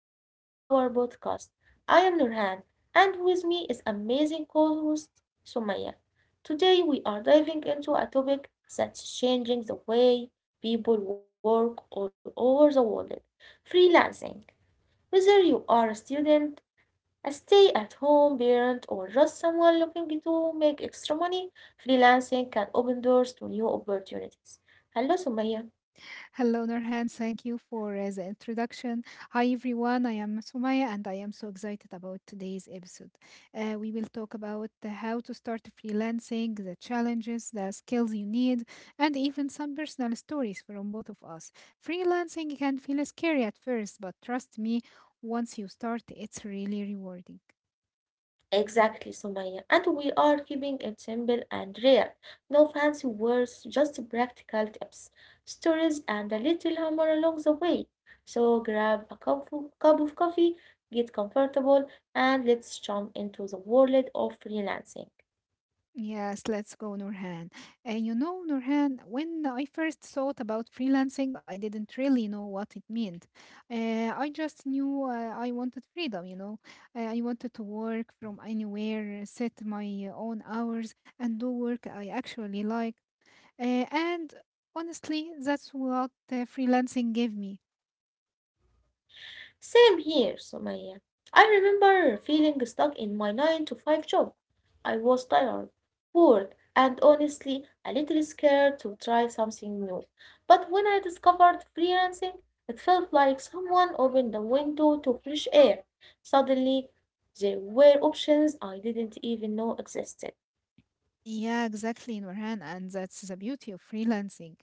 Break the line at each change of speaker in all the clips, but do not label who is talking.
welcome to our podcast. I am Nurhan, and with me is amazing co-host Sumaya. Today we are diving into a topic that's changing the way people work all over the world: freelancing. Whether you are a student, a stay-at-home parent, or just someone looking to make extra money, freelancing can open doors to new opportunities. Hello, Sumaya.
Hello, Nurhan. Thank you for the introduction. Hi, everyone. I am Sumaya, and I am so excited about today's episode. We will talk about the how to start freelancing, the challenges, the skills you need, and even some personal stories from both of us. Freelancing can feel scary at first, but trust me, once you start, it's really rewarding.
Exactly, Sumaya. And we are keeping it simple and real. No fancy words, just practical tips, stories, and a little humor along the way. So grab a cup of coffee, get comfortable, and let's jump into the world of freelancing.
Yes, let's go, Nurhan. And you know, Nurhan, when I first thought about freelancing, I didn't really know what it meant. I just knew I wanted freedom, you know. I wanted to work from anywhere, set my own hours, and do work I actually like. And honestly, that's what freelancing gave me.
Same here, Sumaya. I remember feeling stuck in my 9 to 5 job. I was tired, bored, and honestly a little scared to try something new. But when I discovered freelancing, it felt like someone opened a window to fresh air. Suddenly, there were options I didn't even know existed.
Yeah, exactly, Nurhan, and that's the beauty of freelancing.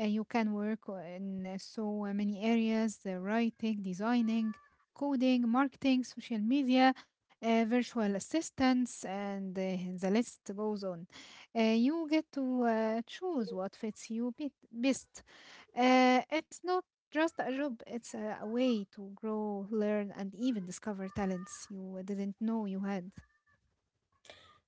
You can work in so many areas: the writing, designing, coding, marketing, social media, virtual assistants, and the list goes on. You get to choose what fits you bit best. It's not just a job; it's a way to grow, learn, and even discover talents you didn't know you had.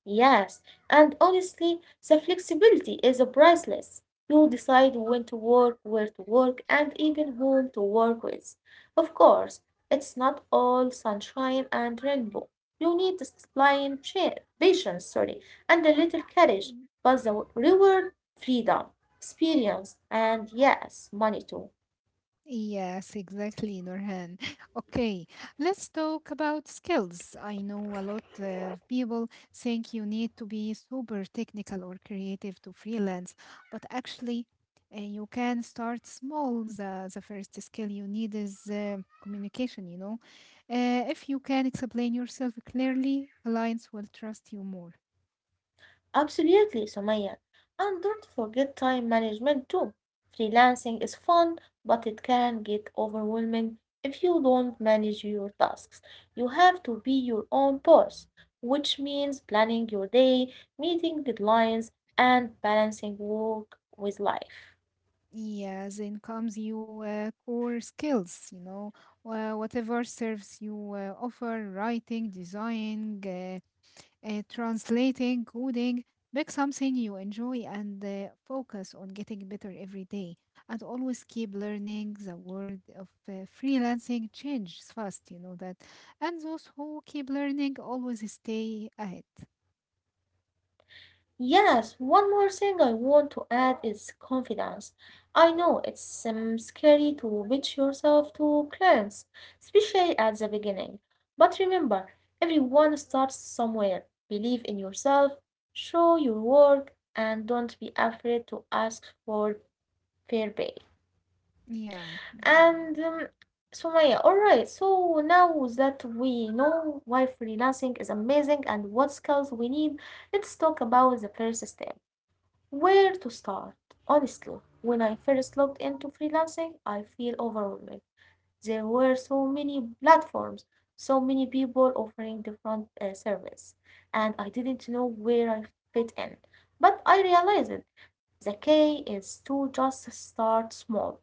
Yes, and honestly, the flexibility is priceless. You decide when to work, where to work, and even whom to work with. Of course, it's not all sunshine and rainbow. You need discipline, patience, sorry, and a little courage, but the reward, freedom, experience, and yes, money too.
Yes, exactly, Norhan. Okay, let's talk about skills. I know a lot of people think you need to be super technical or creative to freelance, but actually, you can start small. The first skill you need is communication, you know. If you can explain yourself clearly, clients will trust you more.
Absolutely, Sumaya. And don't forget time management too. Freelancing is fun, but it can get overwhelming if you don't manage your tasks. You have to be your own boss, which means planning your day, meeting deadlines, and balancing work with life.
Yeah, then comes your core skills, you know, whatever serves you offer, writing, designing, translating, coding, pick something you enjoy and focus on getting better every day. And always keep learning. The world of freelancing changes fast, you know that. And those who keep learning always stay ahead.
Yes, one more thing I want to add is confidence. I know it's scary to pitch yourself to clients, especially at the beginning. But remember, everyone starts somewhere. Believe in yourself, show your work, and don't be afraid to ask for fair pay.
Yeah.
And Sumaya, all right, so now that we know why freelancing is amazing and what skills we need, let's talk about the first step. Where to start? Honestly, when I first looked into freelancing, I feel overwhelmed. There were so many platforms, so many people offering different service, and I didn't know where I fit in. But I realized the key is to just start small.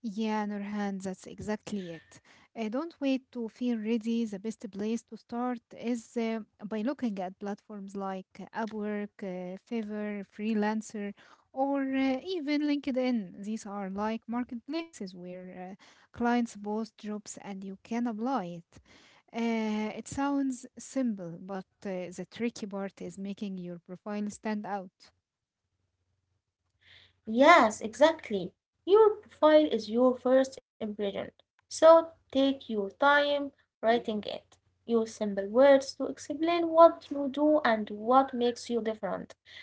Yeah, no, Nurhan, that's exactly it. Don't wait to feel ready. The best place to start is by looking at platforms like Upwork, Fiverr, Freelancer, or even LinkedIn. These are like marketplaces where clients post jobs and you can apply it. It sounds simple, but the tricky part is making your profile stand out.
Yes, exactly. Your profile is your first impression, so take your time writing it. Use simple words to explain what you do and what makes you different.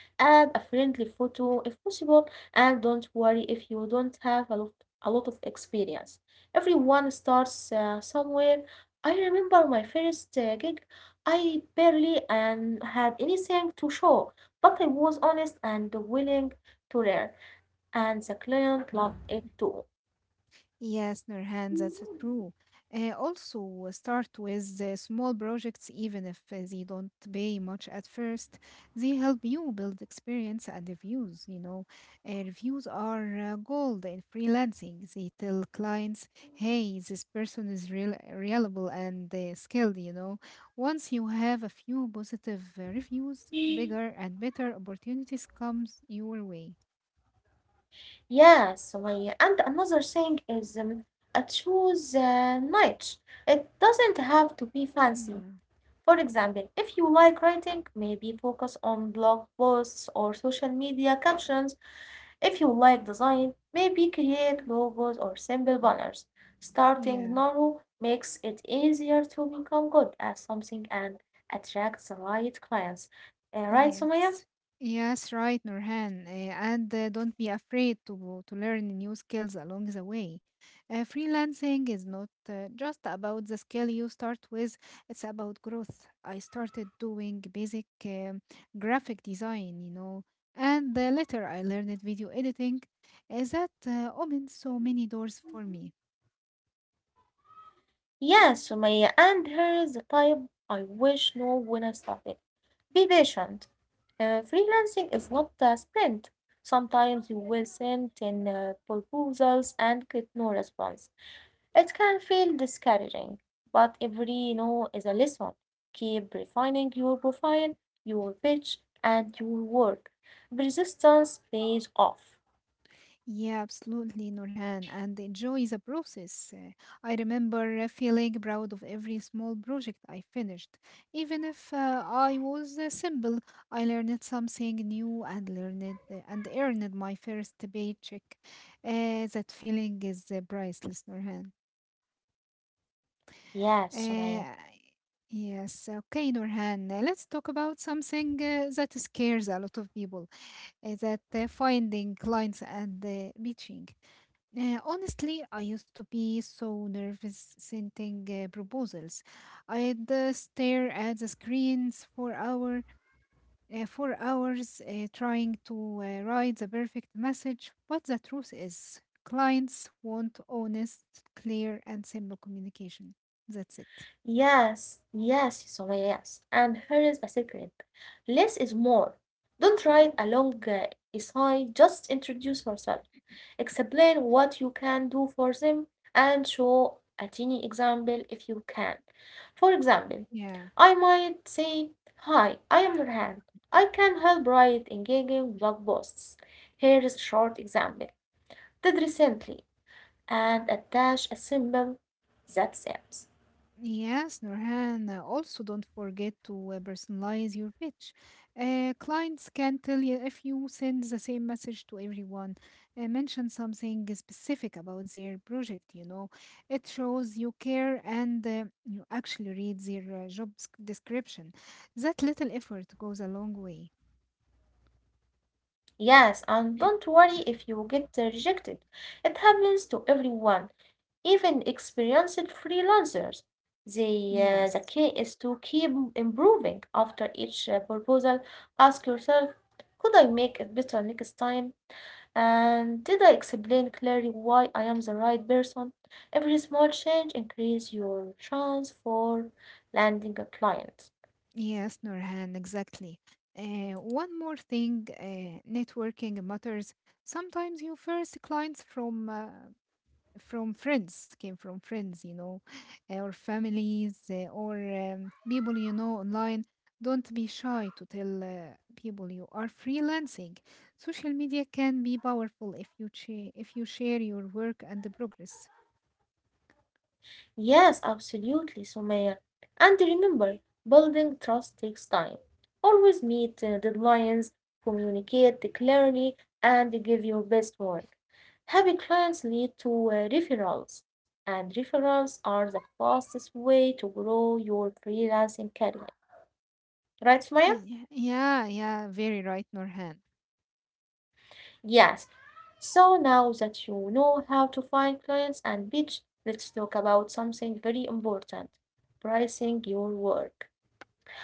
Add a friendly photo if possible, and don't worry if you don't have a lot of experience. Everyone starts somewhere. I remember my first gig, I barely and had anything to show, but I was honest and willing to learn. And the client loved it too.
Yes, Nurhan, that's true. Also, start with small projects, even if they don't pay much at first. They help you build experience and reviews. You know, reviews are gold in freelancing. They tell clients, "Hey, this person is real, reliable and skilled." You know, once you have a few positive reviews, bigger and better opportunities comes your way.
Yes, Sumaya. And another thing is I choose niche. It doesn't have to be fancy.
Yeah.
For example, if you like writing, maybe focus on blog posts or social media captions. If you like design, maybe create logos or simple banners. Starting
Yeah.
narrow makes it easier to become good at something and attract the right clients. Right, Sumaya?
Yes. Yes, right, Nurhan. And don't be afraid to learn new skills along the way. Freelancing is not just about the skill you start with, it's about growth. I started doing basic graphic design, you know, and later I learned video editing. That opened so many doors for me.
Yeah, Sumaya, and here's the type I wish know when I started. Be patient. Freelancing is not a sprint. Sometimes you will send in proposals and get no response. It can feel discouraging, but every no is a lesson. Keep refining your profile, your pitch, and your work. Persistence pays off.
Yeah, absolutely, Nurhan, and enjoy the process. I remember feeling proud of every small project I finished. Even if I was simple, I learned something new and learned and earned my first paycheck. That feeling is priceless, Nurhan.
Yes, Sumaya.
Uh, yes, okay, Nurhan, let's talk about something that scares a lot of people, that finding clients and pitching. Honestly, I used to be so nervous sending proposals. I'd stare at the screens for hours trying to write the perfect message. But the truth is, clients want honest, clear, and simple communication. That's it.
Yes. And here is a secret. Less is more. Don't write a long essay, just introduce yourself. Explain what you can do for them and show a tiny example if you can. For example,
Yeah.
I might say, Hi, I am Nurhan. I can help write engaging blog posts. Here is a short example. Did recently and attach a symbol that says.
Yes, Nurhan, also don't forget to personalize your pitch. Clients can tell you if you send the same message to everyone, mention something specific about their project, you know. It shows you care and you actually read their description. That little effort goes a long way.
Yes, and don't worry if you get rejected. It happens to everyone, even experienced freelancers. The key
Yes.
is to keep improving. After each proposal, ask yourself, could I make it better next time? And did I explain clearly why I am the right person? Every small change increase your chance for landing a client.
Yes, Norhan, exactly. One more thing, networking matters. Sometimes your first clients from friends came from friends, you know, or families, or people you know online. Don't be shy to tell people you are freelancing. Social media can be powerful if you if you share your work and the progress.
Yes, absolutely, Sumaya. And remember, building trust takes time. Always meet deadlines, communicate clearly, and give your best work. Happy clients lead to referrals, and referrals are the fastest way to grow your freelancing career. Right, Sumaya?
Yeah, yeah, yeah, very right, Norhan.
Yes. So now that you know how to find clients and pitch, let's talk about something very important pricing your work.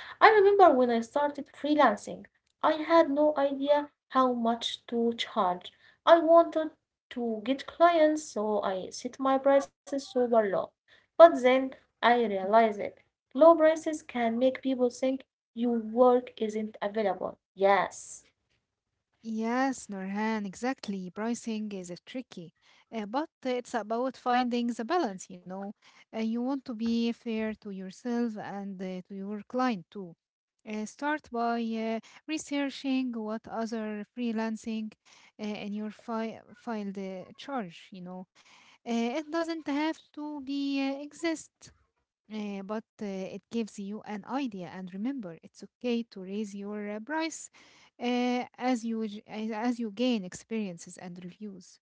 I remember when I started freelancing, I had no idea how much to charge. I wanted to get clients, so I set my prices super low. But then I realized it. Low prices can make people think your work isn't available. Yes.
Yes, Norhan, exactly. Pricing is tricky, but it's about finding the balance, you know. You want to be fair to yourself and to your client too. Start by researching what other freelancing in your filed charge, you know. It doesn't have to be exist. But it gives you an idea, and remember, it's okay to raise your price as you gain experiences and reviews.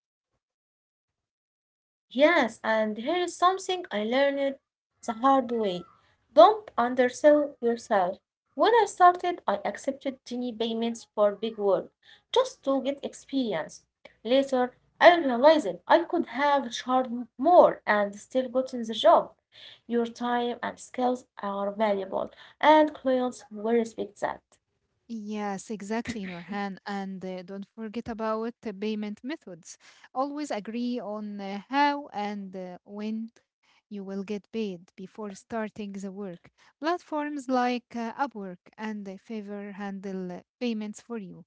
Yes, and here is something I learned the hard way. Don't undersell yourself. When I started, I accepted tiny payments for big work just to get experience. Later, I realized I could have charged more and still gotten the job. Your time and skills are valuable, and clients will respect that.
Yes, exactly, Norhan, and don't forget about the payment methods. Always agree on how and when you will get paid before starting the work. Platforms like Upwork and Favor handle payments for you,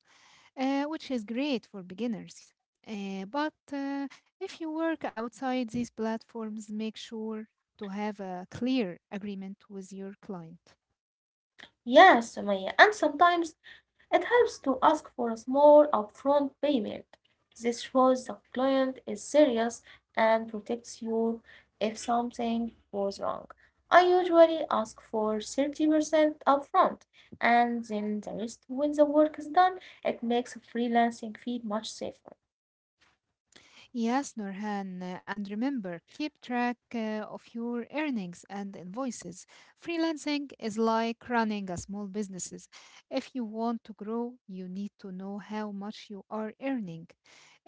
which is great for beginners. But if you work outside these platforms, make sure to have a clear agreement with your client.
Yes, Sumaya, and sometimes it helps to ask for a small upfront payment. This shows the client is serious and protects you if something goes wrong. I usually ask for 30% upfront and then the rest when the work is done. It makes freelancing feel much safer.
Yes, Nurhan, and remember, keep track of your earnings and invoices. Freelancing is like running a small businesses. If you want to grow, you need to know how much you are earning,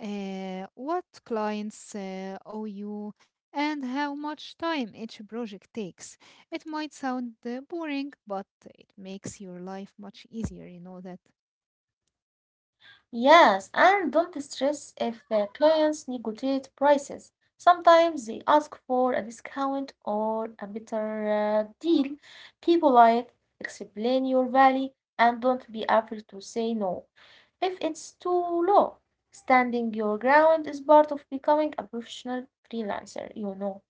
what clients owe you, and how much time each project takes. It might sound boring, but it makes your life much easier, you know that.
Yes, and don't stress if the clients negotiate prices. Sometimes they ask for a discount or a better deal. People like explain your value and don't be afraid to say no if it's too low. Standing your ground is part of becoming a professional freelancer, you know.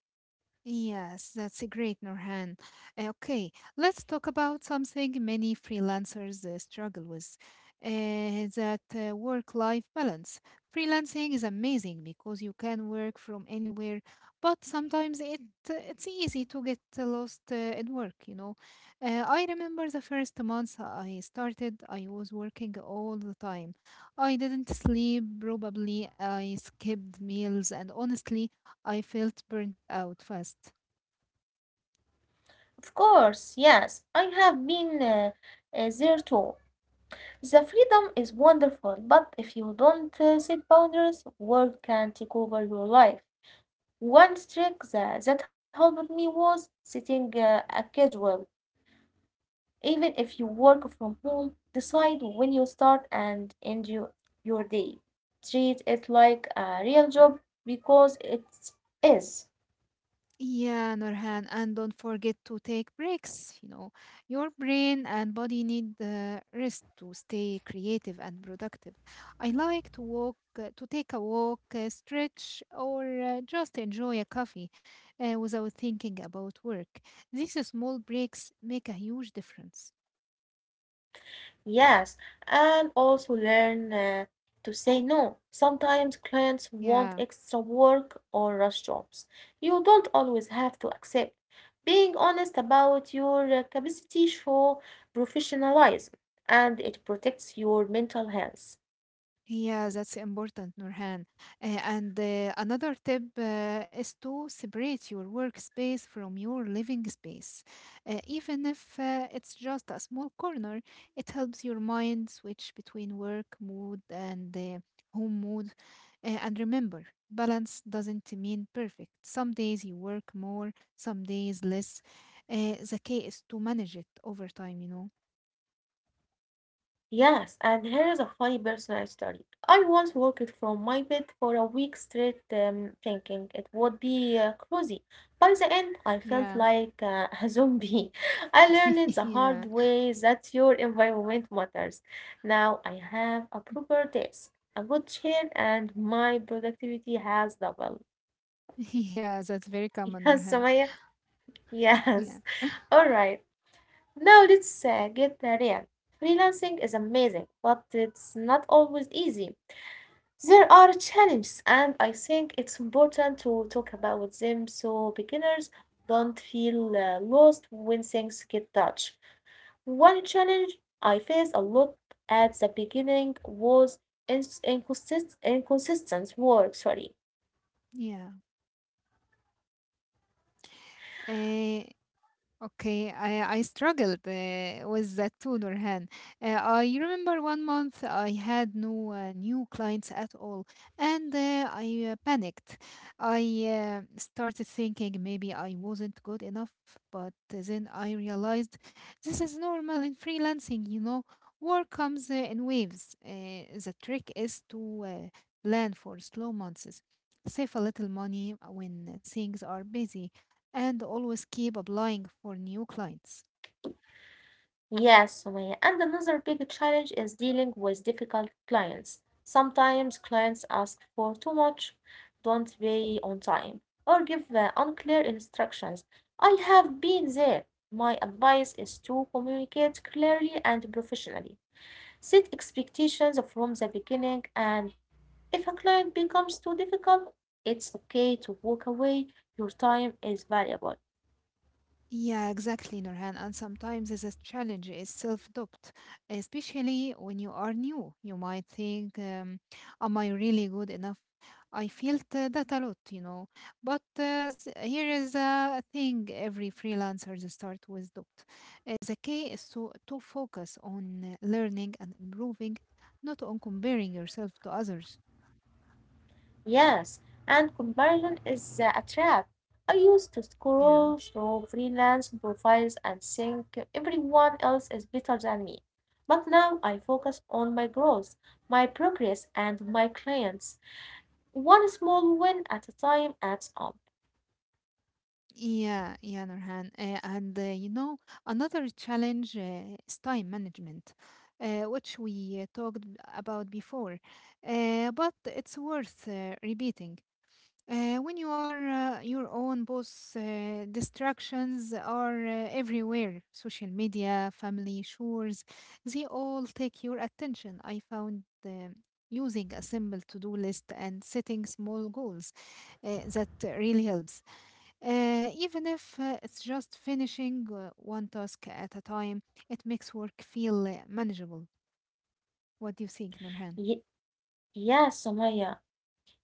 Yes, that's a great, Norhan. Okay let's talk about something many freelancers struggle with, that work-life balance. Freelancing is amazing because you can work from anywhere, but sometimes it's easy to get lost in work, you know. I remember the first months I started, I was working all the time. I didn't sleep, probably I skipped meals, and honestly, I felt burnt out fast.
Of course, yes, I have been there too. The freedom is wonderful, but if you don't set boundaries, work can take over your life. One trick that helped me was setting a schedule. Even if you work from home, decide when you start and end your day. Treat it like a real job because it is.
Yeah, Norhan, and don't forget to take breaks. You know, your brain and body need rest to stay creative and productive. I like to take a walk, stretch, or just enjoy a coffee without thinking about work. These small breaks make a huge difference.
Yes, and also learn to say no. Sometimes clients want
Yeah.
extra work or rush jobs. You don't always have to accept. Being honest about your capacity shows professionalism and it protects your mental health.
Yeah, that's important, Nurhan. And another tip is to separate your workspace from your living space. Even if it's just a small corner, it helps your mind switch between work mood and home mood. And remember, balance doesn't mean perfect. Some days you work more, some days less. The key is to manage it over time, you know?
Yes, and here is a funny personal story. I once worked from my bed for a week straight, thinking it would be cozy. By the end, I
Yeah.
felt like a zombie. I learned the hard
Yeah.
way that your environment matters. Now I have a proper desk, a good chair, and my productivity has doubled.
Yeah, that's very common,
Yes,
Nurhan.
Samaya.
Yeah,
Yes. All right. Now let's get real. Freelancing is amazing, but it's not always easy. There are challenges, and I think it's important to talk about them so beginners don't feel lost when things get tough. One challenge I faced a lot at the beginning was inconsistent work. Sorry,
yeah. Eh, Okay I struggled with that too, Nurhan. Uh, I remember one month I had no new clients at all, and I panicked. I started thinking maybe I wasn't good enough, but then I realized this is normal in freelancing, you know. Work comes in waves. The trick is to plan for slow months, save a little money when things are busy, and always keep applying for new clients.
yes, Sumaya. And another big challenge is dealing with difficult clients. Sometimes clients ask for too much, don't pay on time, or give unclear instructions. I have been there. My advice is to communicate clearly and professionally. Set expectations from the beginning, and if a client becomes too difficult, it's okay to walk away. Your time is valuable.
Yeah, exactly, Nurhan. And sometimes the challenge is self-doubt, especially when you are new. You might think, "Am I really good enough?" I felt that a lot, you know. But uh, Here is a thing: every freelancer they start with doubt. The key is to focus on learning and improving, not on comparing yourself to others.
Yes, and comparison is a trap. I used to
Yeah.
scroll through freelance profiles and think everyone else is better than me. But now I focus on my growth, my progress, and my clients. One small win at a time adds up.
Yeah, yeah, Nurhan. And you know, another challenge is time management, which we talked about before. But it's worth repeating. When you are your own boss, distractions are everywhere. Social media, family, chores, they all take your attention. I found using a simple to-do list and setting small goals that really helps. Even if it's just finishing one task at a time, it makes work feel manageable. What do you think, Nurhan?
Ye- yes, Somaya.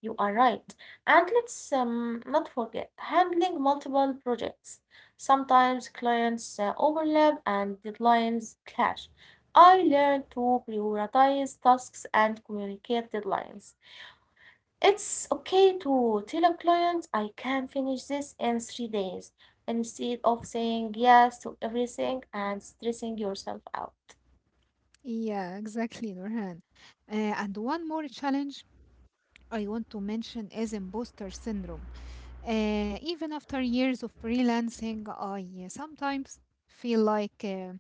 You are right. And let's not forget handling multiple projects. Sometimes clients overlap and deadlines clash. I learned to prioritize tasks and communicate deadlines. It's okay to tell a client I can finish this in 3 days instead of saying yes to everything and stressing yourself out.
Yeah, exactly, Nurhan. And one more challenge I want to mention is imposter syndrome. Even after years of freelancing, I sometimes feel like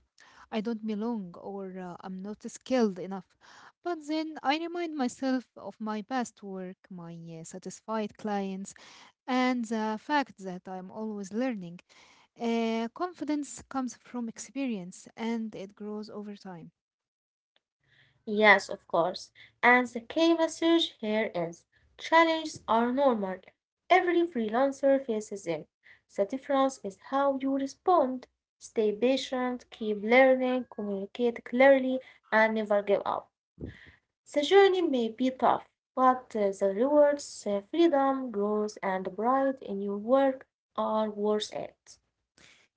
I don't belong or I'm not skilled enough. But then I remind myself of my past work, my satisfied clients, and the fact that I'm always learning. Confidence comes from experience and it grows over time.
Yes, of course. And the key message here is challenges are normal. Every freelancer faces them. The difference is how you respond. Stay patient, keep learning, communicate clearly, and never give up. The journey may be tough, but the rewards, freedom, growth, and pride in your work are worth it.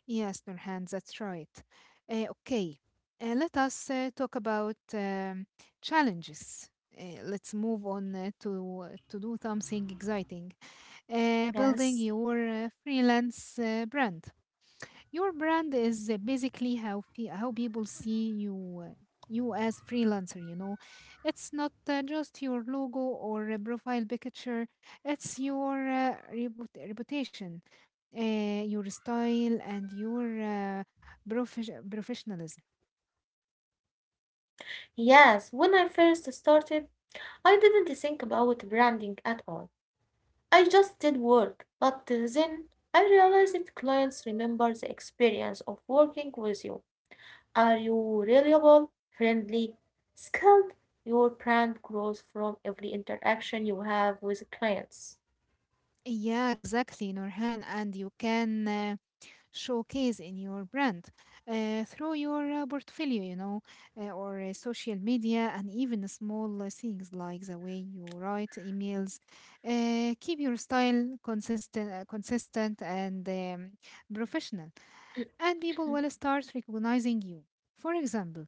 Yes, Nurhan, that's right. Okay, let us talk about challenges. Let's move on to do something exciting: building
Yes.
your freelance brand. Your brand is basically how how people see you, you as freelancer. You know, it's not just your logo or a profile picture. It's your reputation, your style, and your professionalism.
Yes, when I first started, I didn't think about branding at all. I just did work, but then I realized that clients remember the experience of working with you. Are you reliable, friendly, skilled? Your brand grows from every interaction you have with clients.
Yeah, exactly, Norhan. And you can. Showcase in your brand through your portfolio, you know, or social media, and even small things like the way you write emails. Keep your style consistent and professional, and people will start recognizing you. For example,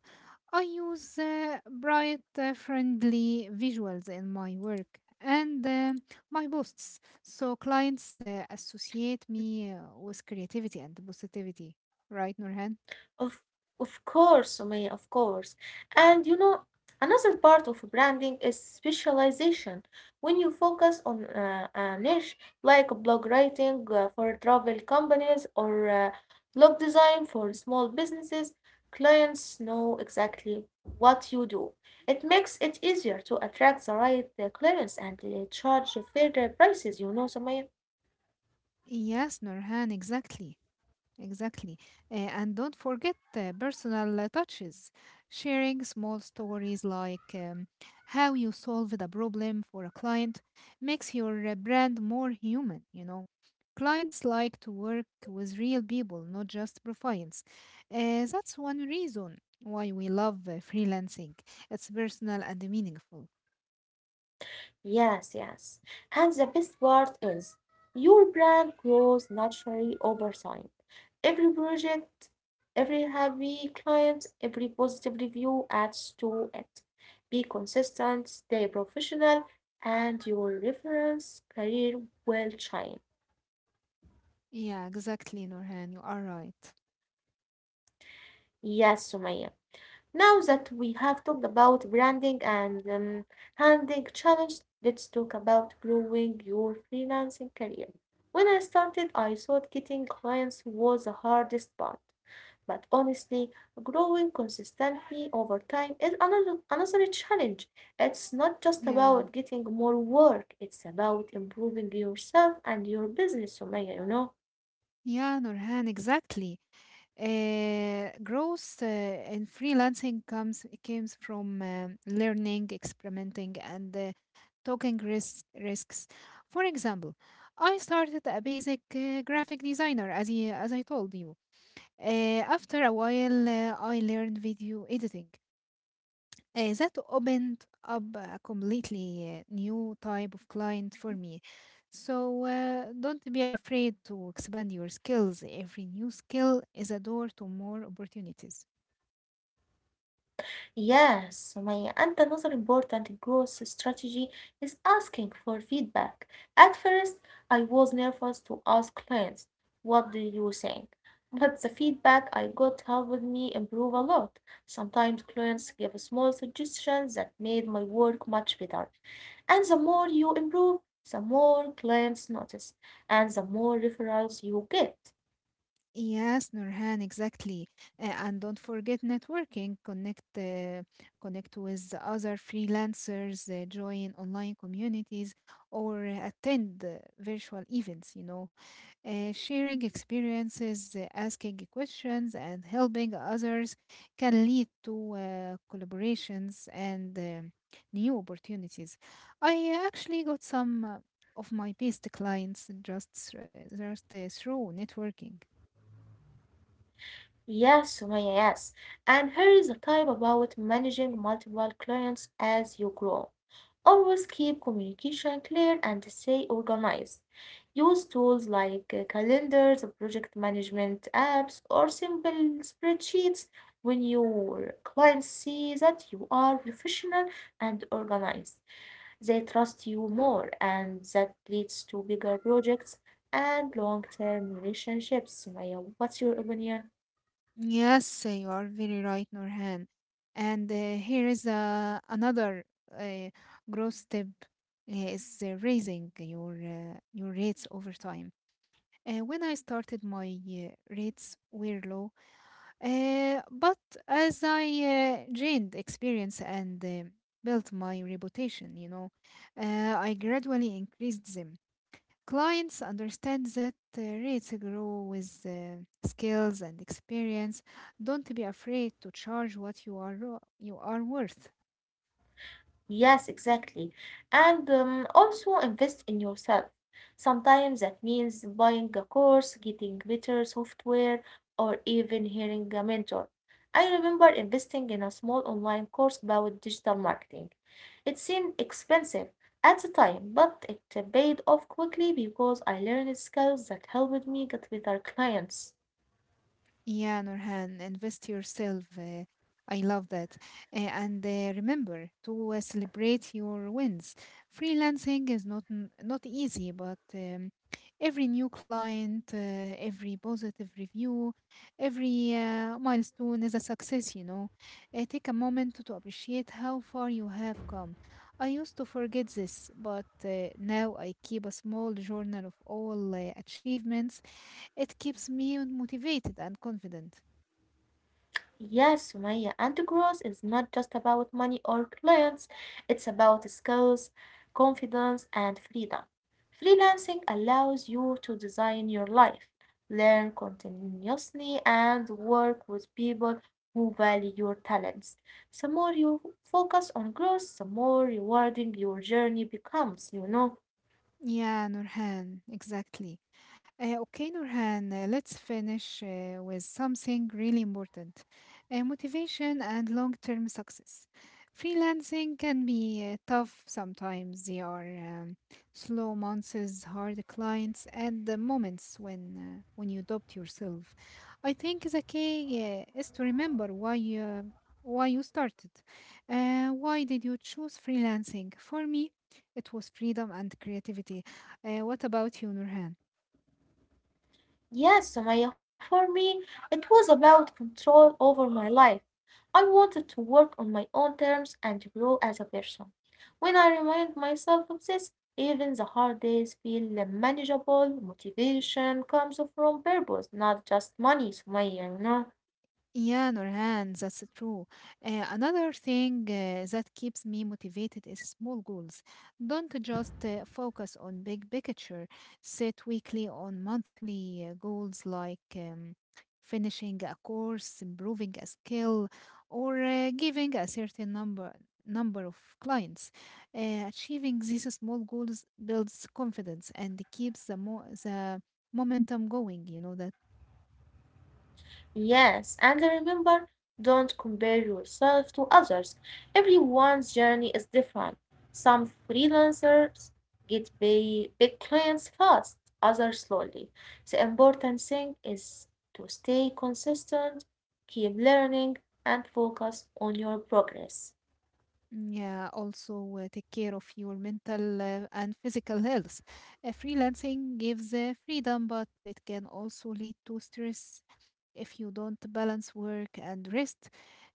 I use bright, friendly visuals in my work and my posts. So clients associate me with creativity and positivity, right, Nurhan?
Of of course, Sumaya, of course. And you know, another part of branding is specialization. When you focus on a niche like blog writing for travel companies or blog design for small businesses, clients know exactly what you do. It makes it easier to attract the right clients and charge fair prices, you know, Sumaya.
Yes, Nurhan, exactly. Exactly. And don't forget personal touches, sharing small stories like how you solved a problem for a client makes your brand more human. Clients like to work with real people, not just profiles. That's one reason why we love freelancing. It's personal and meaningful.
Yes. And the best part is your brand grows naturally over time. Every project, every happy client, every positive review adds to it. Be consistent, stay professional, and your reference career will shine.
Yeah, exactly, Norhan. You are right.
Yes, Sumaya. Now that we have talked about branding and handling challenge, let's talk about growing your freelancing career. When I started, I thought getting clients was the hardest part. But honestly, growing consistently over time is another challenge. It's not just about
Yeah,
getting more work, it's about improving yourself and your business, Sumaya,
yeah, Norhan, exactly. Growth in freelancing comes from learning, experimenting, and taking risks. For example, I started a basic graphic designer, as I told you. After a while, I learned video editing. That opened up a completely new type of client for me. So don't be afraid to expand your skills. Every new skill is a door to more opportunities.
Yes, my and another important growth strategy is asking for feedback. At first, I was nervous to ask clients, what do you think? But the feedback I got helped me improve a lot. Sometimes clients give small suggestions that made my work much better. And the more you improve, the more clients notice, and the more referrals you get.
Yes, Nurhan, exactly. And don't forget networking. Connect with other freelancers, join online communities, or attend virtual events. You know, sharing experiences, asking questions, and helping others can lead to collaborations and new opportunities. I actually got some of my best clients just through networking.
Yes, Sumaya, yes. And here is a type about managing multiple clients as you grow. Always keep communication clear and stay organized. Use tools like calendars, project management apps, or simple spreadsheets when your clients see that you are professional and organized. They trust you more, and that leads to bigger projects and long-term relationships. Sumaya, what's your opinion?
Yes, you are very right, Norhan. And here is another uh, growth step: is raising your rates over time. When I started, my rates were low, but as I gained experience and built my reputation, you know, I gradually increased them. Clients understand that rates grow with skills and experience. Don't be afraid to charge what you are worth.
Yes, exactly. And also invest in yourself. Sometimes that means buying a course, getting better software, or even hiring a mentor. I remember investing in a small online course about digital marketing. It seemed expensive at the time, but it paid off quickly because I learned skills that helped me get better clients.
Yeah, Nurhan, invest yourself. I love that. And remember to celebrate your wins. Freelancing is not easy, but every new client, every positive review, every milestone is a success, you know. Take a moment to appreciate how far you have come. I used to forget this, but now I keep a small journal of all achievements. It keeps me motivated and confident.
Yes, Sumaya, and growth is not just about money or clients, it's about skills, confidence, and freedom. Freelancing allows you to design your life, learn continuously, and work with people who value your talents. The more you focus on growth, the more rewarding your journey becomes,
Yeah, Nurhan, exactly. Okay, Nurhan, let's finish with something really important, motivation and long term success. Freelancing can be tough sometimes. There are slow months, hard clients, and the moments when you doubt yourself. I think the key is to remember why you started. Why did you choose freelancing? For me, it was freedom and creativity. What about you, Nurhan?
Yes, Sumaya, for me, it was about control over my life. I wanted to work on my own terms and grow as a person. When I remind myself of this, even the hard days feel manageable. Motivation comes from purpose, not just money, Sumaya,
Yeah, Nurhan, that's true. Another thing that keeps me motivated is small goals. Don't just focus on big picture. Set weekly or monthly goals like finishing a course, improving a skill, or giving a certain number of clients. Achieving these small goals builds confidence and keeps the momentum going. You know that.
Yes, and remember, don't compare yourself to others. Everyone's journey is different. Some freelancers get big, big clients fast, others slowly. The important thing is to stay consistent, keep learning, and focus on your progress.
Mm, yeah, also take care of your mental and physical health. Freelancing gives freedom, but it can also lead to stress if you don't balance work and rest.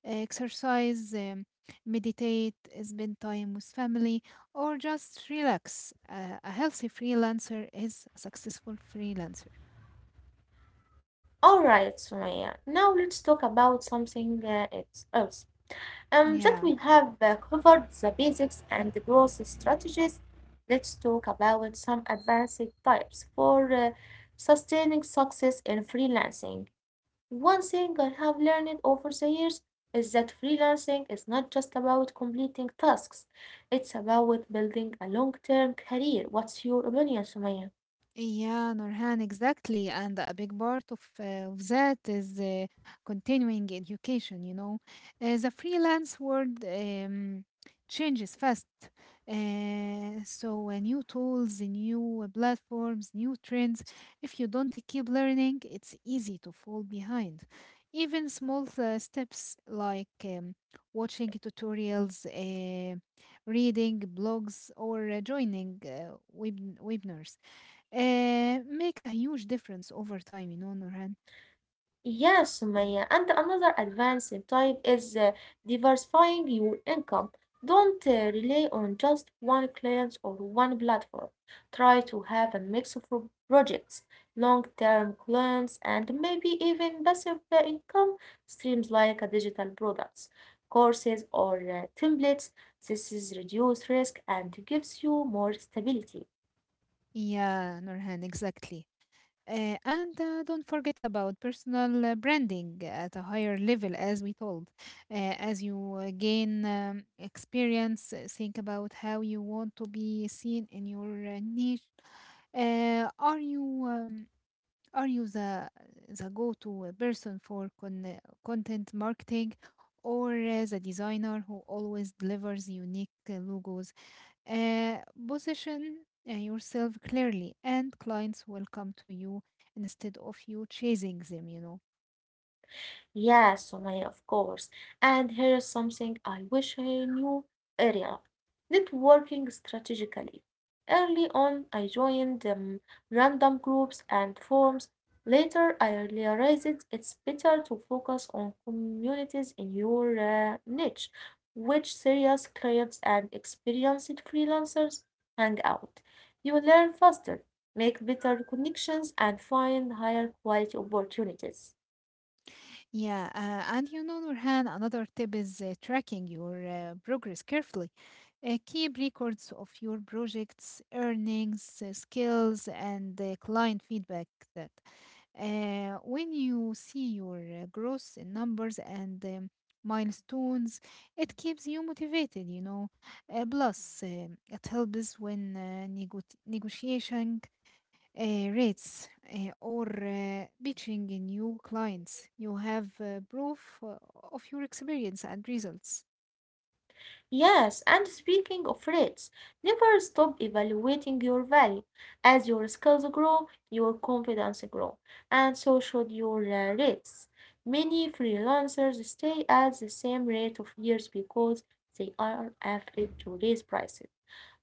Exercise, meditate, spend time with family, or just relax. A healthy freelancer is a successful freelancer.
All right, Sumaya. Now let's talk about something else. That we
Yeah.
have covered the basics and the growth strategies. Let's talk about some advanced types for sustaining success in freelancing. One thing I have learned over the years is that freelancing is not just about completing tasks, it's about building a long term career. What's your opinion, Sumaya?
Yeah, Nurhan, exactly. And a big part of that is continuing education, you know. The freelance world changes fast. So, new tools, new platforms, new trends. If you don't keep learning, it's easy to fall behind. Even small steps like watching tutorials, reading blogs, or joining webinars make a huge difference over time, you know, Nurhan.
Yes, Maya, and another advanced type is diversifying your income. Don't rely on just one client or one platform. Try to have a mix of projects, long-term clients, and maybe even passive income streams like digital products, courses, or templates. This is reduced risk and gives you more stability.
Yeah, Nurhan, exactly. And don't forget about personal branding at a higher level, as we told. As you gain experience, think about how you want to be seen in your niche. Uh, are you um, are you the go-to person for content marketing, or the designer who always delivers unique logos? Uh, Position yourself clearly, and clients will come to you instead of you chasing them, you know.
Yes, Sumaya, of course. And here is something I wish I knew earlier. Networking strategically. Early on, I joined random groups and forums. Later, I realized it's better to focus on communities in your niche, which serious clients and experienced freelancers hang out. You learn faster, make better connections, and find higher quality opportunities.
Yeah, and you know, Nurhan, another tip is tracking your progress carefully. Keep records of your projects, earnings, skills, and client feedback that. When you see your growth in numbers and milestones, it keeps you motivated, you know. Plus, it helps when negotiating uh, rates or pitching in new clients. You have proof of your experience and results.
Yes, and speaking of rates, never stop evaluating your value. As your skills grow, your confidence grows, and so should your rates. Many freelancers stay at the same rate of years because they are afraid to raise prices.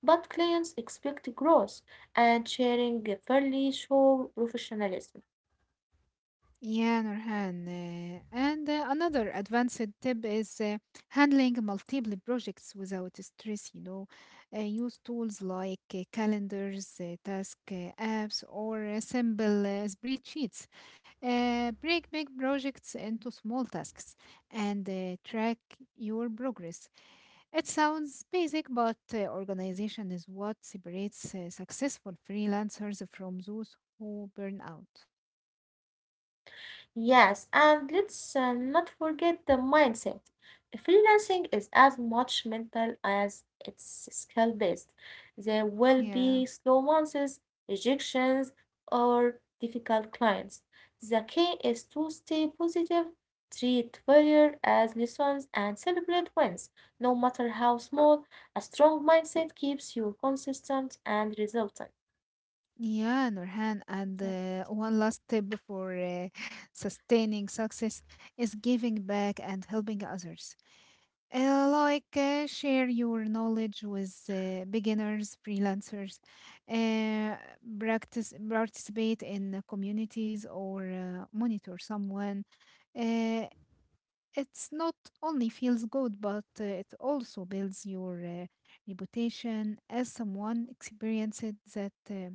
But clients expect growth, and sharing fairly show professionalism.
Yeah, Nurhan. And another advanced tip is handling multiple projects without stress. You know, use tools like calendars, task apps, or simple spreadsheets. Break big projects into small tasks and track your progress. It sounds basic, but organization is what separates successful freelancers from those who burn out.
Yes, and let's not forget the mindset. Freelancing is as much mental as it's skill based. There will
Yeah.
be slow months, rejections, or difficult clients. The key is to stay positive, treat failure as lessons, and celebrate wins. No matter how small, a strong mindset keeps you consistent and resultant.
Yeah, Nurhan, and one last tip for sustaining success is giving back and helping others. Like, share your knowledge with beginners, freelancers, uh, practice participate in the communities or monitor someone. Uh, it's not only feels good, but it also builds your reputation as someone experienced that.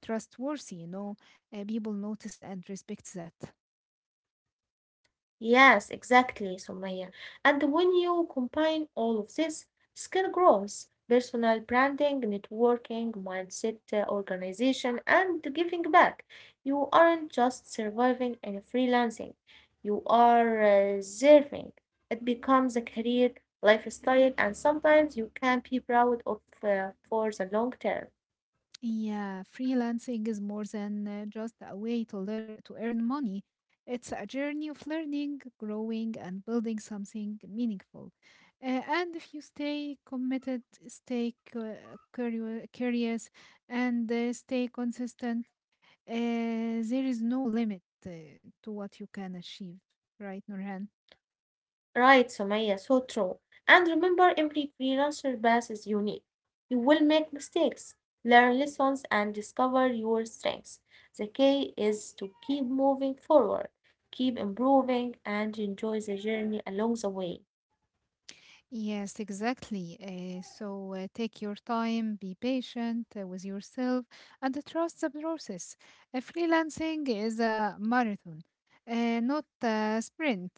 Trustworthy, you know. People notice and respect that.
Yes, exactly, Sumaya. And when you combine all of this, skill growth, personal branding, networking, mindset, organization, and giving back, you aren't just surviving and freelancing. You are serving. It becomes a career, lifestyle, and sometimes you can be proud of for the long term.
Yeah, freelancing is more than just a way to learn to earn money. It's a journey of learning, growing, and building something meaningful. And if you stay committed, stay curious, and stay consistent, there is no limit to what you can achieve, right, Nurhan?
Right, Sumaya, so true. And remember, every freelancer path is unique. You will make mistakes, learn lessons, and discover your strengths. The key is to keep moving forward, keep improving, and enjoy the journey along the way.
Yes, exactly. So, take your time, be patient with yourself, and trust the process. Freelancing is a marathon, not a sprint.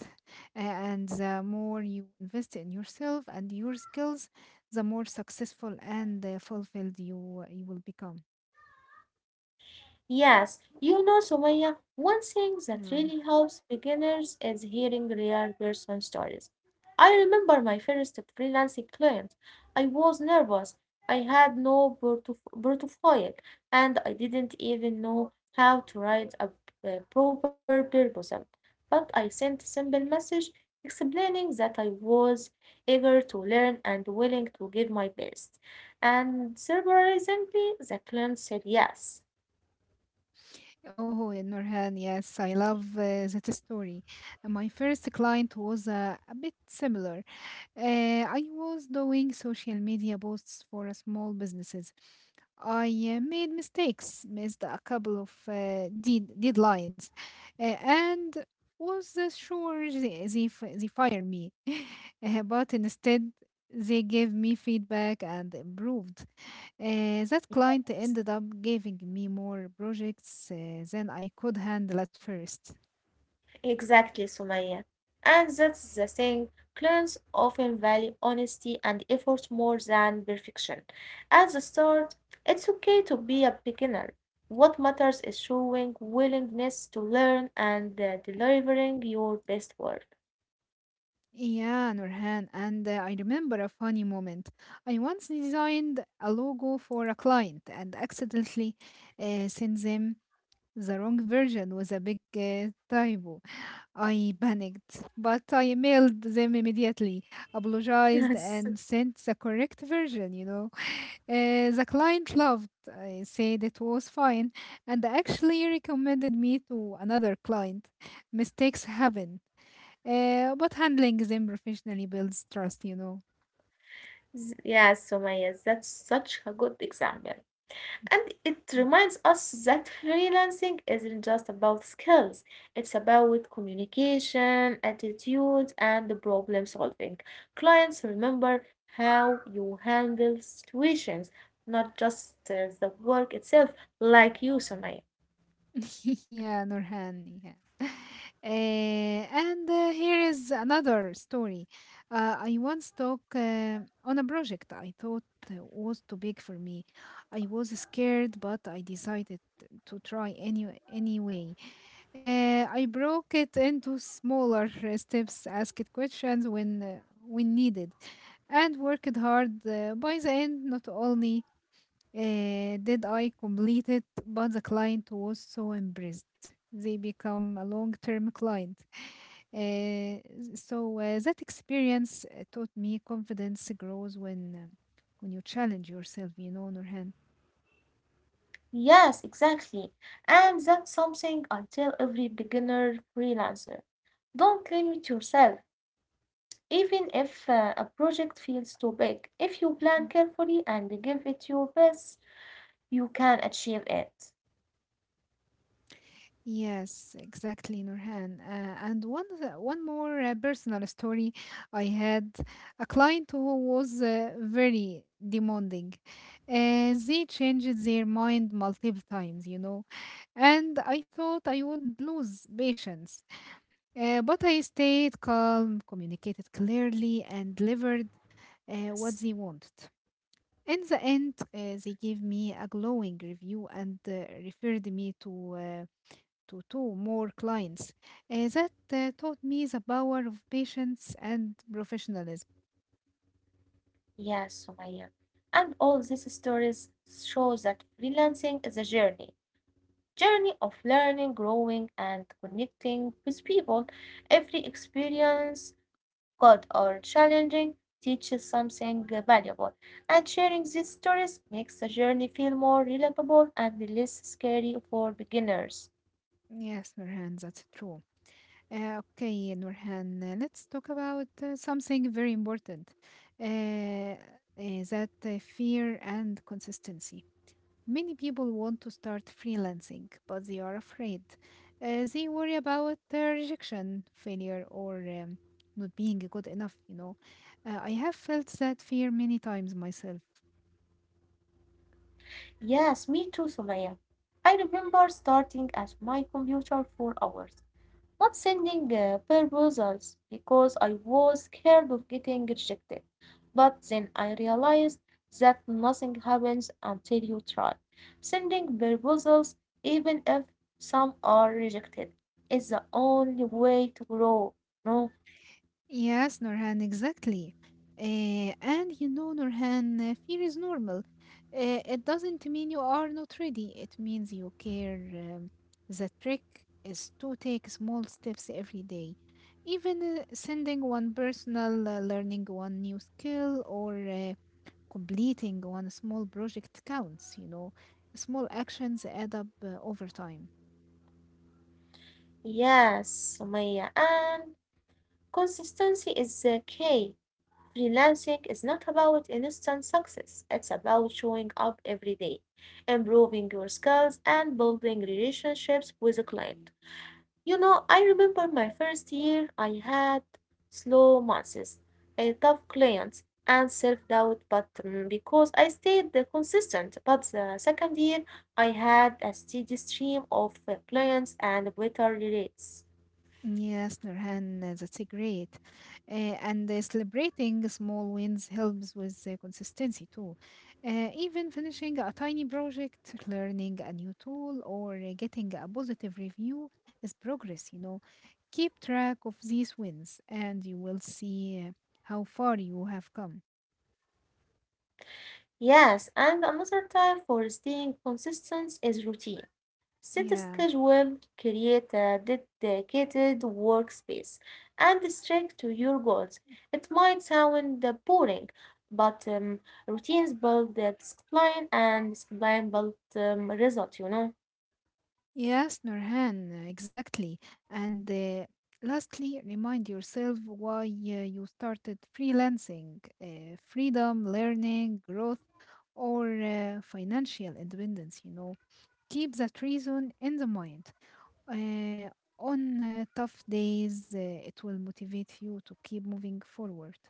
And the more you invest in yourself and your skills, the more successful and fulfilled you will become.
Yes, Sumaya, one thing that
Yeah.
really helps beginners is hearing real person stories. I remember my first freelancing client. I was nervous. I had no portfolio and I didn't even know how to write a proper proposal. But I sent a simple message explaining that I was eager to learn and willing to give my best. And surprisingly, the client said yes.
Oh, Nurhan, yes, I love that story. My first client was a bit similar. I was doing social media posts for a small businesses. I made mistakes, missed a couple of deadlines, and was sure they fire me. But instead, they gave me feedback and improved. That client ended up giving me more projects than I could handle at first.
Exactly, Sumaya. And that's the thing. Clients often value honesty and effort more than perfection. At the start, it's okay to be a beginner. What matters is showing willingness to learn and delivering your best work.
Yeah, Nurhan, and I remember a funny moment. I once designed a logo for a client and accidentally sent them the wrong version. Was a big typo. I panicked, but I emailed them immediately, apologized, and sent the correct version, you know. The client loved, I said it was fine, and actually recommended me to another client. Mistakes happen, but handling them professionally builds trust, you know.
Yes, Sumaya, that's such a good example. And it
Mm.
reminds us that freelancing isn't just about skills, it's about communication, attitude, and the problem solving. Clients remember how you handle situations, not just the work itself, like you, Sumaya.
Yeah, Nurhan. Yeah. And here is another story. I once talk on a project I thought was too big for me. I was scared, but I decided to try anyway. I broke it into smaller steps, asked questions when needed, and worked hard. By the end, not only did I complete it? But the client was so impressed. They become a long term client. Uh, so, that experience taught me confidence grows when you challenge yourself. You know, Nurhan.
Yes, exactly. And that's something I tell every beginner freelancer. Don't limit yourself. Even if a project feels too big, if you plan carefully and give it your best, you can achieve it.
Yes, exactly, Nurhan. And one more personal story. I had a client who was very demanding. They changed their mind multiple times. You know, and I thought I would lose patience. But I stayed calm, communicated clearly, and delivered
Yes,
what they wanted. In the end, they gave me a glowing review and referred me to two more clients. That taught me the power of patience and professionalism.
yes, Sumaya. And all these stories show that freelancing is a journey, journey of learning, growing, and connecting with people. Every experience, good or challenging, teaches something valuable. And sharing these stories makes the journey feel more relatable and less scary for beginners.
Yes, Nurhan, that's true. Okay, Nurhan, let's talk about something very important, uh, uh, that fear and consistency. Many people want to start freelancing, but they are afraid. They worry about rejection, failure, or not being good enough, you know. I have felt that fear many times myself.
Yes, me too, Sumaya. I remember starting at my computer for hours, not sending proposals because I was scared of getting rejected. But then I realized that nothing happens until you try. Sending proposals, even if some are rejected, is the only way to grow. No?
Yes, Nurhan, exactly. And you know, Nurhan, fear is normal. It doesn't mean you are not ready. It means you care. The trick is to take small steps every day, even sending one personal learning one new skill or completing one small project counts, you know. Small actions add up over time.
Yes, Sumaya. And consistency is the key. Freelancing is not about instant success, it's about showing up every day, improving your skills, and building relationships with a client. You know, I remember my first year, I had slow months, a tough clients, and self doubt, but because I stayed the consistent. But the second year, I had a steady stream of clients and better rates.
Yes, Nurhan, that's great. Uh, and celebrating small wins helps with consistency too. Even finishing a tiny project, learning a new tool, or getting a positive review is progress, you know. Keep track of these wins and you will see how far you have come.
Yes, and another time for staying consistent is routine. Set a
Yeah.
schedule, create a dedicated workspace, and stick to your goals. It might sound boring, but routines build the discipline, and discipline build result,
Yes, Nurhan, exactly. And lastly, remind yourself why you started freelancing, freedom, learning, growth, or financial independence, you know. Keep that reason in the mind. Uh, on tough days, it will motivate you to keep moving forward.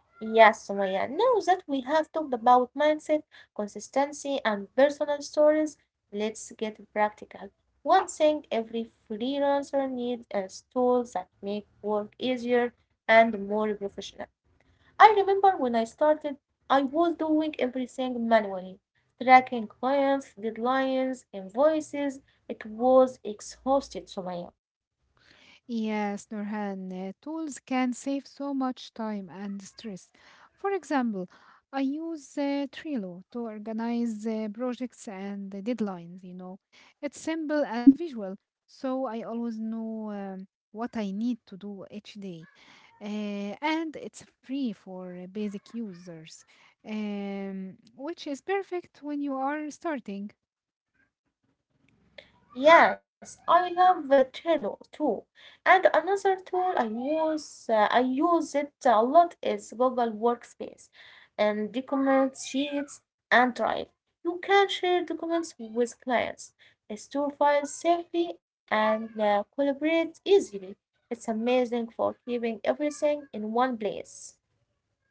Yes, Sumaya. Now that we have talked about mindset, consistency, and personal stories, let's get practical. One thing every freelancer needs is tools that make work easier and more professional. I remember when I started, I was doing everything manually, tracking clients, deadlines, invoices. It was exhausted, Sumaya.
Yes, Nurhan, tools can save so much time and stress. For example, I use Trello to organize projects and the deadlines, you know. It's simple and visual, so I always know what I need to do each day. And it's free for basic users, which is perfect when you are starting.
Yes, I love Trello too. And another tool I use it a lot is Google Workspace and document sheets and Drive. You can share documents with clients, store files safely, and collaborate easily. It's amazing for keeping everything in one place.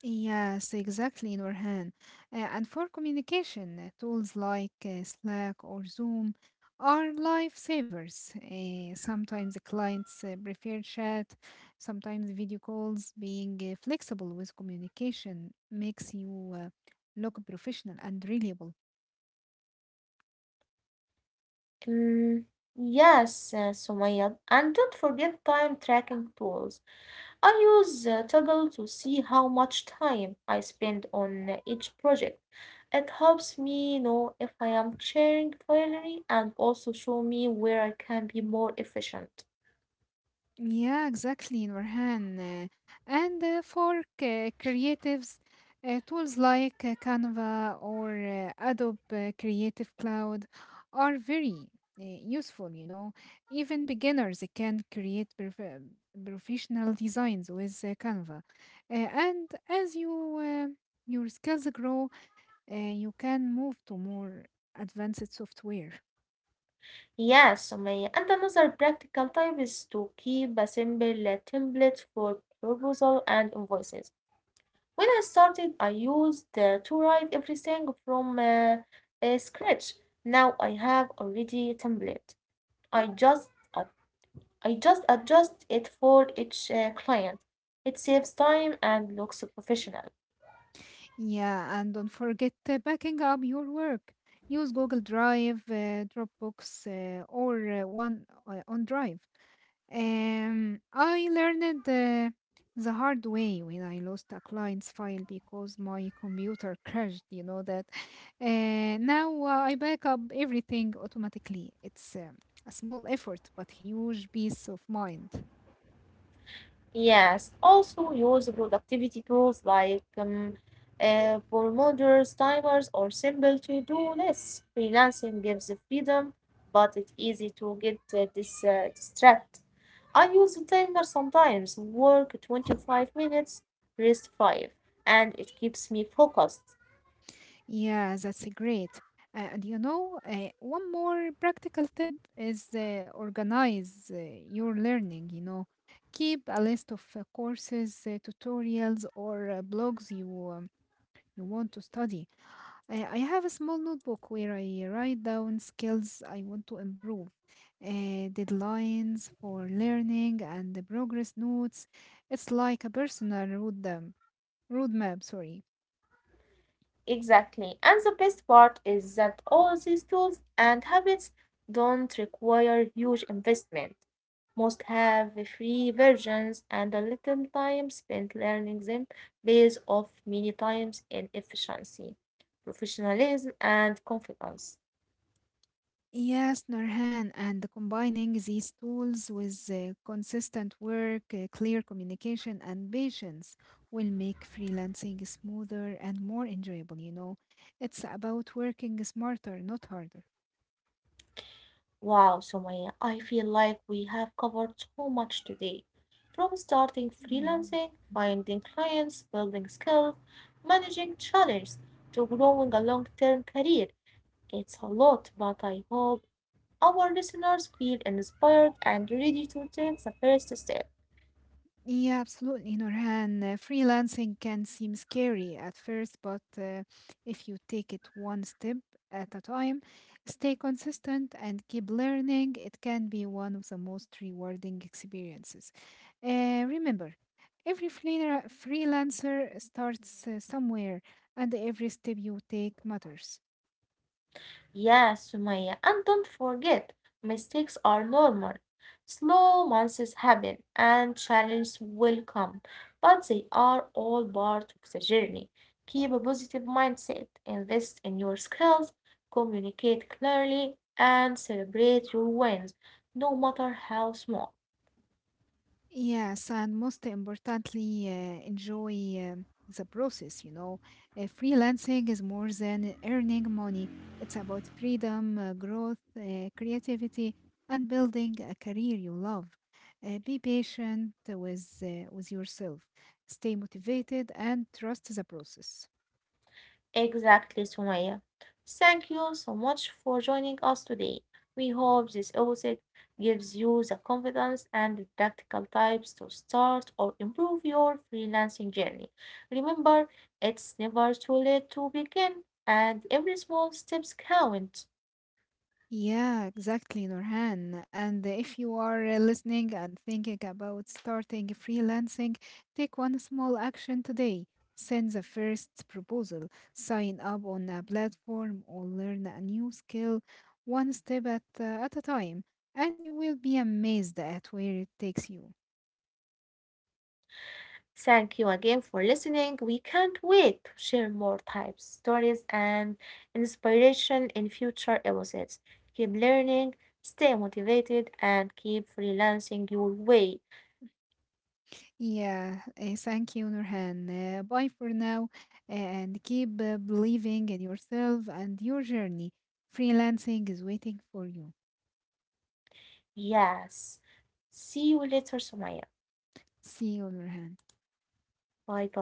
Yes, exactly, Nurhan. And for communication, tools like Slack or Zoom are lifesavers. Sometimes the clients prefer chat, sometimes video calls. Being flexible with communication makes you look professional and reliable.
Mm, yes, Sumaya, and don't forget time tracking tools. I use Toggle to see how much time I spend on each project. It helps me know if I am sharing fairly and also show me where I can be more efficient.
Yeah, exactly, Nurhan. And for creatives, tools like Canva or Adobe Creative Cloud are very useful, you know. Even beginners can create professional designs with Canva. And as your skills grow, you can move to more advanced software.
Yes, Sumaya. And another practical tip is to keep a simple template for proposal and invoices. When I started, I used to write everything from scratch. Now I have already a template. I just I just adjust it for each client. It saves time and looks professional.
Yeah, and don't forget backing up your work. Use Google Drive, Dropbox, or OneDrive. I learned the hard way when I lost a client's file because my computer crashed. You know that. Now I back up everything automatically. It's a small effort, but huge peace of mind.
Yes, also use productivity tools like Pomodoro's timers or simple to-do lists. Freelancing gives the freedom, but it's easy to get distracted. I use a timer sometimes, work 25 minutes, rest 5, and it keeps me focused.
Yeah, that's great. And you know, one more practical tip is organize your learning. You know, keep a list of courses, tutorials, or blogs you you want to study. I have a small notebook where I write down skills I want to improve, uh, deadlines for learning, and the progress notes. It's like a personal roadmap. Sorry.
Exactly. And the best part is that all these tools and habits don't require huge investment. Most have free versions and a little time spent learning them pays off many times in efficiency, professionalism, and confidence.
Yes, Nurhan, and combining these tools with consistent work, clear communication, and patience will make freelancing smoother and more enjoyable. You know, it's about working smarter, not harder.
Wow, Somaya, I feel like we have covered so much today. From starting
Yeah.
freelancing, finding clients, building skills, managing challenges, to growing a long-term career. It's a lot, but I hope our listeners feel inspired and ready to take the first step.
Yeah, absolutely, Nurhan. Freelancing can seem scary at first, but if you take it one step at a time, stay consistent and keep learning, it can be one of the most rewarding experiences. Remember, every freelancer starts somewhere, and every step you take matters.
Yes, Sumaya, and don't forget, mistakes are normal. Slow months happen and challenges will come, but they are all part of the journey. Keep a positive mindset, invest in your skills, communicate clearly, and celebrate your wins, no matter how small.
Yes, and most importantly, enjoy the process. You know, freelancing is more than earning money, it's about freedom, growth, creativity, and building a career you love. Be patient with with yourself, stay motivated, and trust the process.
Exactly, Sumaya. Thank you so much for joining us today. We hope this episode gives you the confidence and practical tips to start or improve your freelancing journey. Remember, it's never too late to begin, and every small step counts.
Yeah, exactly, Nurhan. And if you are listening and thinking about starting freelancing, take one small action today. Send the first proposal, sign up on a platform, or learn a new skill one step at a time. And you will be amazed at where it takes you.
Thank you again for listening. We can't wait to share more types, stories, and inspiration in future episodes. Keep learning, stay motivated, and keep freelancing your way.
Yeah, thank you, Nurhan. Bye for now, and keep believing in yourself and your journey. Freelancing is waiting for you.
Yes. See you later, Sumaya.
See on your hand.
Bye bye.